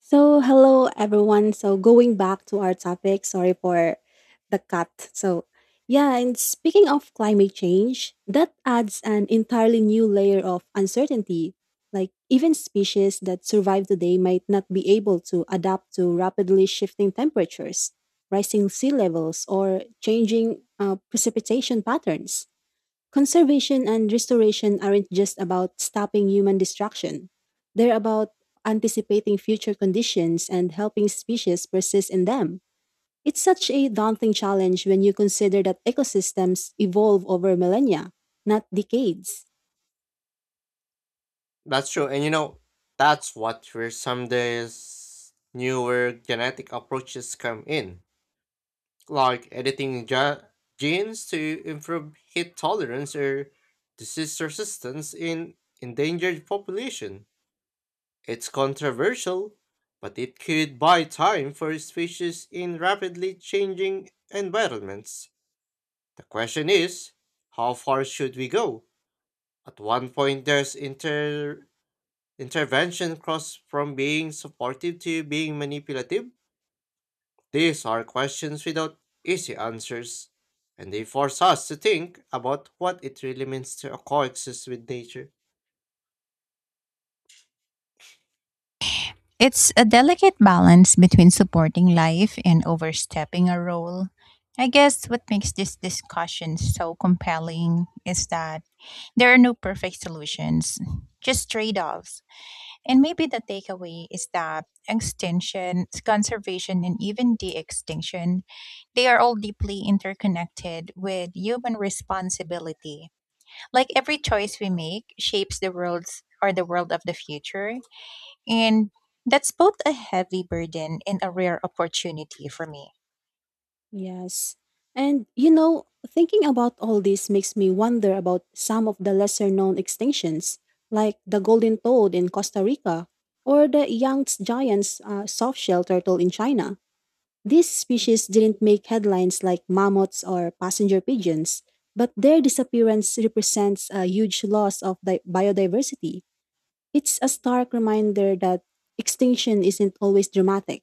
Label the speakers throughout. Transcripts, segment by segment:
Speaker 1: So, hello everyone. So, going back to our topic, sorry for the cut. So, yeah, and speaking of climate change, that adds an entirely new layer of uncertainty. Like, even species that survive today might not be able to adapt to rapidly shifting temperatures, rising sea levels, or changing precipitation patterns. Conservation and restoration aren't just about stopping human destruction. They're about anticipating future conditions and helping species persist in them. It's such a daunting challenge when you consider that ecosystems evolve over millennia, not decades.
Speaker 2: That's true. That's what where some days newer genetic approaches come in, like editing genes to improve heat tolerance or disease resistance in endangered population. It's controversial, but it could buy time for species in rapidly changing environments. The question is, how far should we go? At one point, there's inter intervention crossed from being supportive to being manipulative? These are questions without easy answers, and they force us to think about what it really means to coexist with nature.
Speaker 3: It's a delicate balance between supporting life and overstepping a role. I guess what makes this discussion so compelling is that there are no perfect solutions, just trade offs. And maybe the takeaway is that extinction, conservation, and even de extinction, they are all deeply interconnected with human responsibility. Like every choice we make shapes the world's or the world of the future and that's both a heavy burden and a rare opportunity for me.
Speaker 1: Yes. And you know, thinking about all this makes me wonder about some of the lesser known extinctions, like the golden toad in Costa Rica or the Yangtze giant's soft turtle in China. These species didn't make headlines like mammoths or passenger pigeons, but their disappearance represents a huge loss of biodiversity. It's a stark reminder that extinction isn't always dramatic.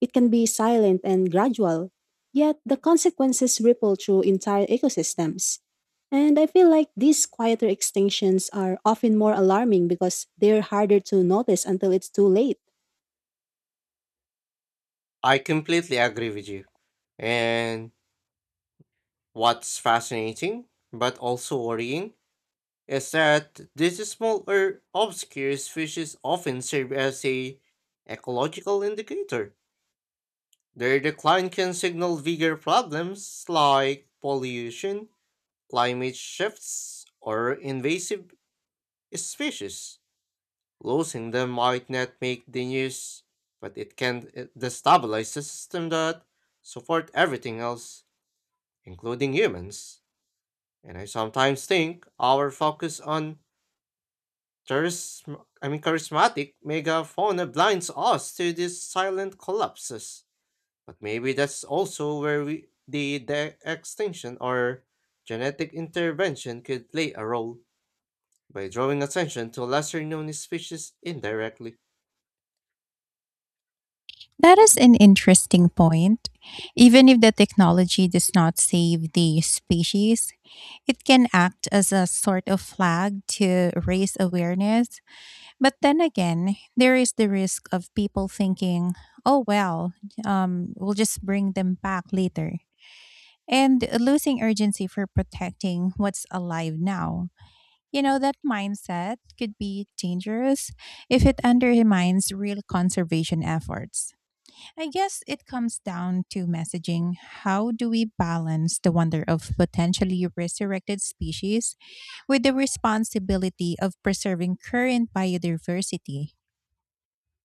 Speaker 1: It can be silent and gradual, yet the consequences ripple through entire ecosystems. And I feel like these quieter extinctions are often more alarming because they're harder to notice until it's too late.
Speaker 2: I completely agree with you. And what's fascinating, but also worrying, is that these small or obscure species often serve as a ecological indicator. Their decline can signal bigger problems like pollution climate shifts or invasive species. Losing them might not make the news, but it can destabilize the system that support everything else, including humans. And I sometimes think our focus on charismatic megafauna blinds us to these silent collapses. But maybe that's also where the extinction or genetic intervention could play a role by drawing attention to lesser known species indirectly.
Speaker 3: That is an interesting point. Even if the technology does not save the species, it can act as a sort of flag to raise awareness. But then again, there is the risk of people thinking, oh, well, we'll just bring them back later, and losing urgency for protecting what's alive now. You know, that mindset could be dangerous if it undermines real conservation efforts. I guess it comes down to messaging. How do we balance the wonder of potentially resurrected species with the responsibility of preserving current biodiversity?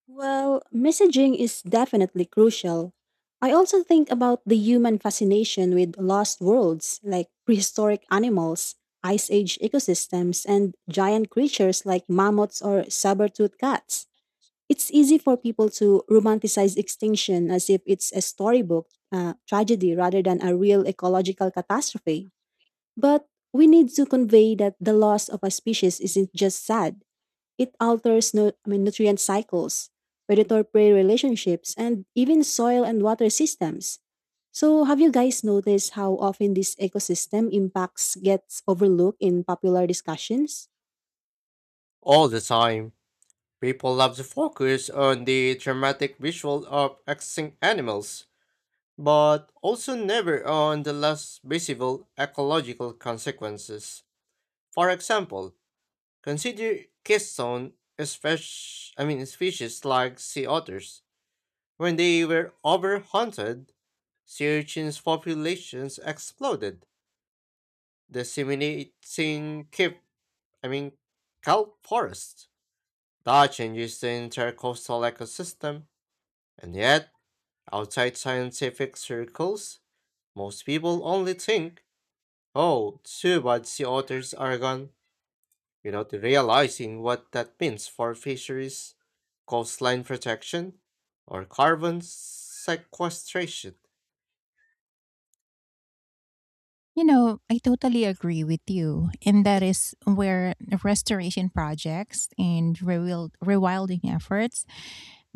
Speaker 1: Well, messaging is definitely crucial. I also think about the human fascination with lost worlds like prehistoric animals, ice age ecosystems, and giant creatures like mammoths or saber-toothed cats. It's easy for people to romanticize extinction as if it's a storybook tragedy rather than a real ecological catastrophe. But we need to convey that the loss of a species isn't just sad. It alters nutrient cycles, predator prey relationships, and even soil and water systems. So, have you guys noticed how often these ecosystem impacts gets overlooked in popular discussions?
Speaker 2: All the time, people love to focus on the dramatic visual of extinct animals, but also never on the less visible ecological consequences. For example, consider keystone species, I mean species like sea otters. When they were overhunted, sea urchins' populations exploded disseminating I mean, kelp forests. That changes the entire coastal ecosystem, and yet, outside scientific circles, most people only think, oh, too bad sea otters are gone, without realizing what that means for fisheries, coastline protection, or carbon sequestration.
Speaker 3: You know, I totally agree with you. And that is where restoration projects and rewilding efforts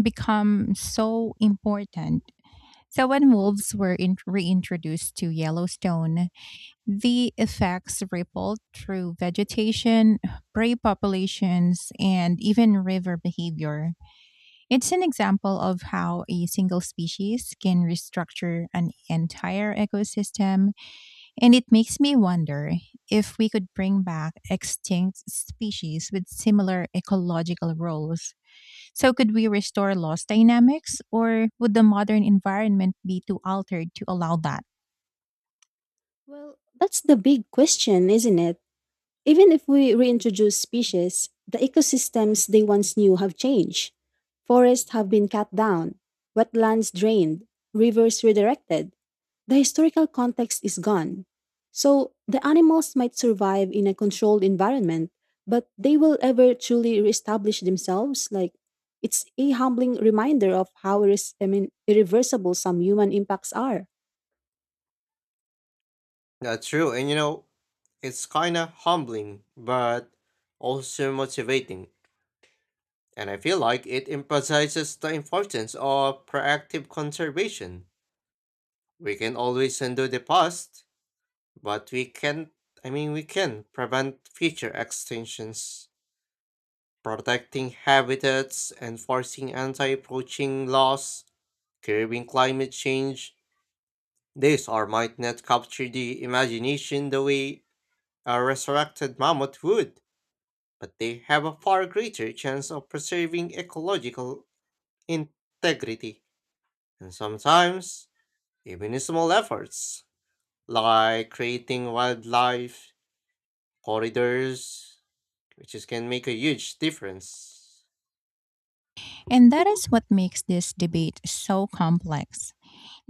Speaker 3: become so important. So, when reintroduced to Yellowstone, the effects rippled through vegetation, prey populations, and even river behavior. It's an example of how a single species can restructure an entire ecosystem, and it makes me wonder if we could bring back extinct species with similar ecological roles. So, could we restore lost dynamics, or would the modern environment be too altered to allow that?
Speaker 1: Well, that's the big question, isn't it? Even if we reintroduce species, the ecosystems they once knew have changed. Forests have been cut down, wetlands drained, rivers redirected. The historical context is gone. So the animals might survive in a controlled environment, but they will ever truly reestablish themselves. Like it's a humbling reminder of how irreversible some human impacts are.
Speaker 2: That's true. It's kind of humbling, but also motivating. And I feel like it emphasizes the importance of proactive conservation. We can always undo the past, but we can't, I mean, we can prevent future extinctions. Protecting habitats, enforcing anti poaching laws, curbing climate change. These are might not capture the imagination the way a resurrected mammoth would but they have a far greater chance of preserving ecological integrity. And sometimes, even small efforts, like creating wildlife corridors, which is, can make a huge difference.
Speaker 3: And that is what makes this debate so complex.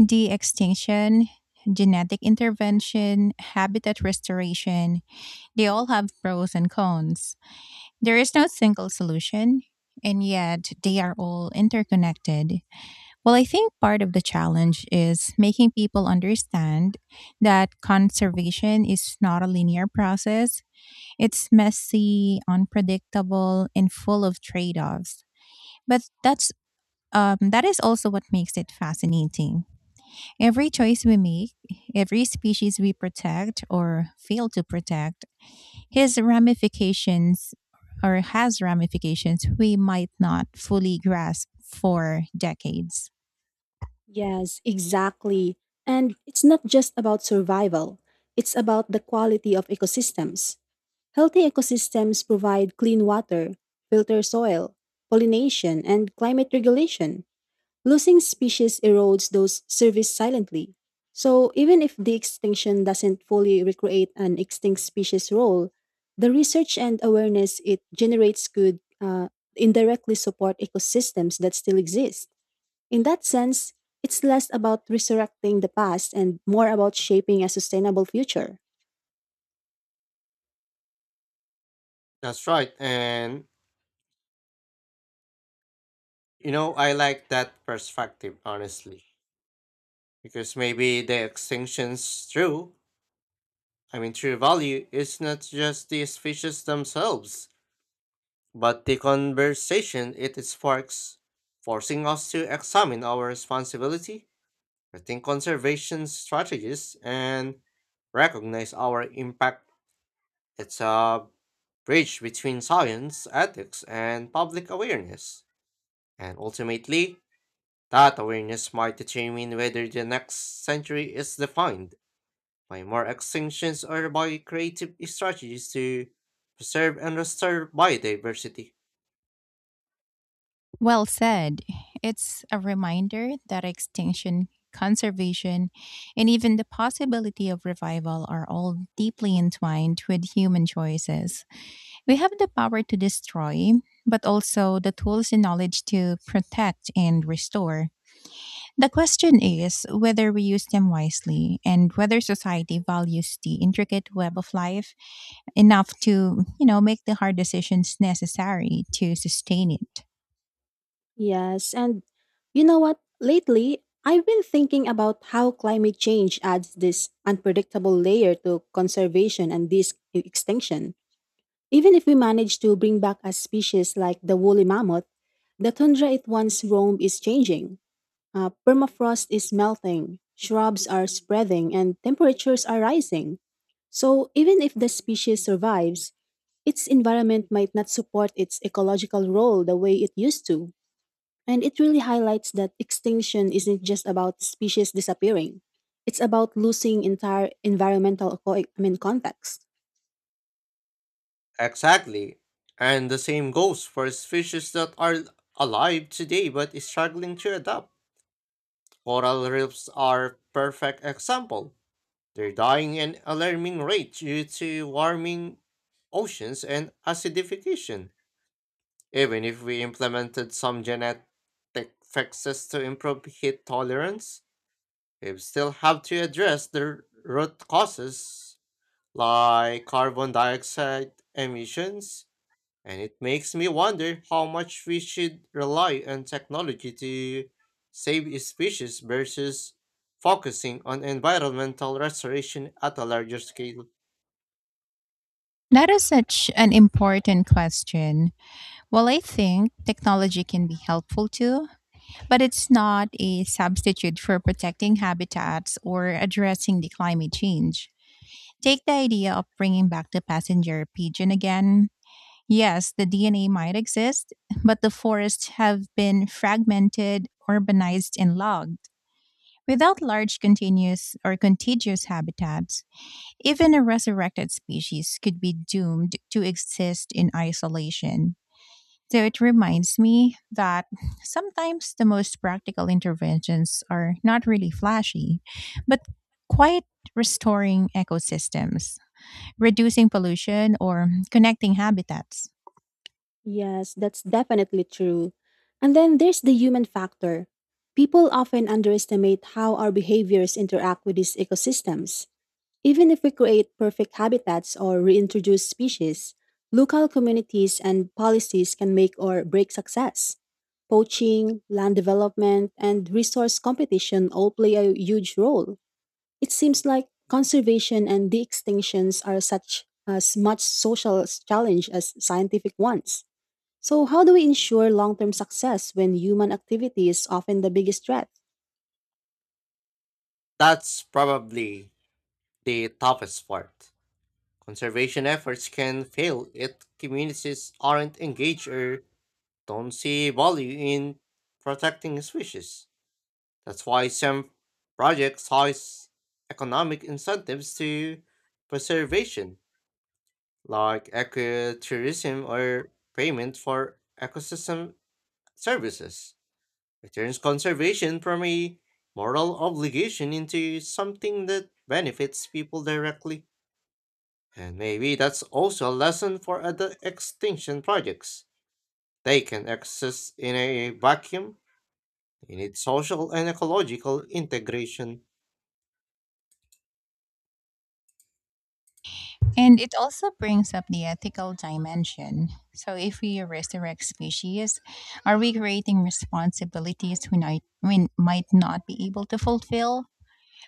Speaker 3: De extinction, genetic intervention, habitat restoration, they all have pros and cons. There is no single solution, and yet they are all interconnected. Well, I think part of the challenge is making people understand that conservation is not a linear process, it's messy, unpredictable, and full of trade offs. But that is also what makes it fascinating. Every choice we make, every species we protect or fail to protect, has ramifications has ramifications we might not fully grasp for decades.
Speaker 1: Yes, exactly. And it's not just about survival, it's about the quality of ecosystems. Healthy ecosystems provide clean water, filter soil, pollination, and climate regulation. Losing species erodes those services silently. So, even if the extinction doesn't fully recreate an extinct species' role, the research and awareness it generates could indirectly support ecosystems that still exist. In that sense, it's less about resurrecting the past and more about shaping a sustainable future.
Speaker 2: That's right. I like that perspective, honestly, because maybe the extinction's true. I mean, true value is not just the species themselves, but the conversation it sparks, forcing us to examine our responsibility, rethink conservation strategies, and recognize our impact. It's a bridge between science, ethics, and public awareness. And ultimately, that awareness might determine whether the next century is defined by more extinctions or by creative strategies to preserve and restore biodiversity.
Speaker 3: Well said. It's a reminder that extinction, conservation, and even the possibility of revival are all deeply entwined with human choices. We have the power to destroy, but also the tools and knowledge to protect and restore. The question is whether we use them wisely and whether society values the intricate web of life enough to, you know, make the hard decisions necessary to sustain it.
Speaker 1: Yes, and you know what? Lately, I've been thinking about how climate change adds this unpredictable layer to conservation and this extinction. Even if we manage to bring back a species like the woolly mammoth, the tundra it once roamed is changing. Permafrost is melting, shrubs are spreading, and temperatures are rising. So, even if the species survives, its environment might not support its ecological role the way it used to. And it really highlights that extinction isn't just about species disappearing, it's about losing entire environmental context.
Speaker 2: Exactly. And the same goes for species that are alive today but is struggling to adapt. Coral reefs are a perfect example. They're dying at an alarming rate due to warming oceans and acidification. Even if we implemented some genetic fixes to improve heat tolerance, we still have to address the root causes like carbon dioxide emissions. And it makes me wonder how much we should rely on technology to save species versus focusing on environmental restoration at a larger scale.
Speaker 3: That is such an important question. Well, I think technology can be helpful too, but it's not a substitute for protecting habitats or addressing the climate change. Take the idea of bringing back the passenger pigeon again. Yes, the DNA might exist, but the forests have been fragmented, urbanized, and logged. Without large continuous or contiguous habitats, even a resurrected species could be doomed to exist in isolation. So it reminds me that sometimes the most practical interventions are not really flashy, but quite restoring ecosystems reducing pollution, or connecting habitats.
Speaker 1: Yes, that's definitely true. And then there's the human factor. People often underestimate how our behaviors interact with these ecosystems. Even if we create perfect habitats or reintroduce species, local communities and policies can make or break success. Poaching, land development, and resource competition all play a huge role. It seems like conservation and de extinctions are such as much social challenge as scientific ones. So, how do we ensure long term success when human activity is often the biggest threat?
Speaker 2: That's probably the toughest part. Conservation efforts can fail if communities aren't engaged or don't see value in protecting species. That's why some projects have economic incentives to preservation like ecotourism or payment for ecosystem services. It turns conservation from a moral obligation into something that benefits people directly. And maybe that's also a lesson for other extinction projects. They can exist in a vacuum. They need social and ecological integration.
Speaker 3: And it also brings up the ethical dimension. So, if we resurrect species, are we creating responsibilities we might not be able to fulfill?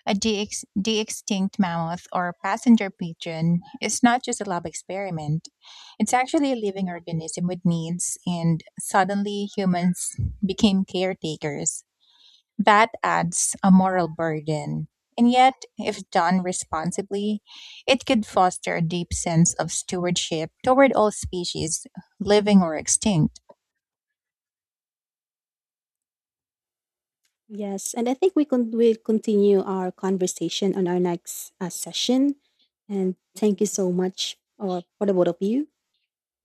Speaker 3: A de extinct mammoth or passenger pigeon is not just a lab experiment, it's actually a living organism with needs, and suddenly humans became caretakers. That adds a moral burden. And yet, if done responsibly, it could foster a deep sense of stewardship toward all species, living or extinct.
Speaker 1: Yes, and I think we'll continue our conversation on our next session. And thank you so much or for the both of you.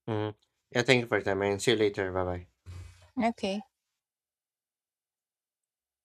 Speaker 2: Mm. Yeah, thank you for your time and see you later. Bye bye.
Speaker 3: Okay.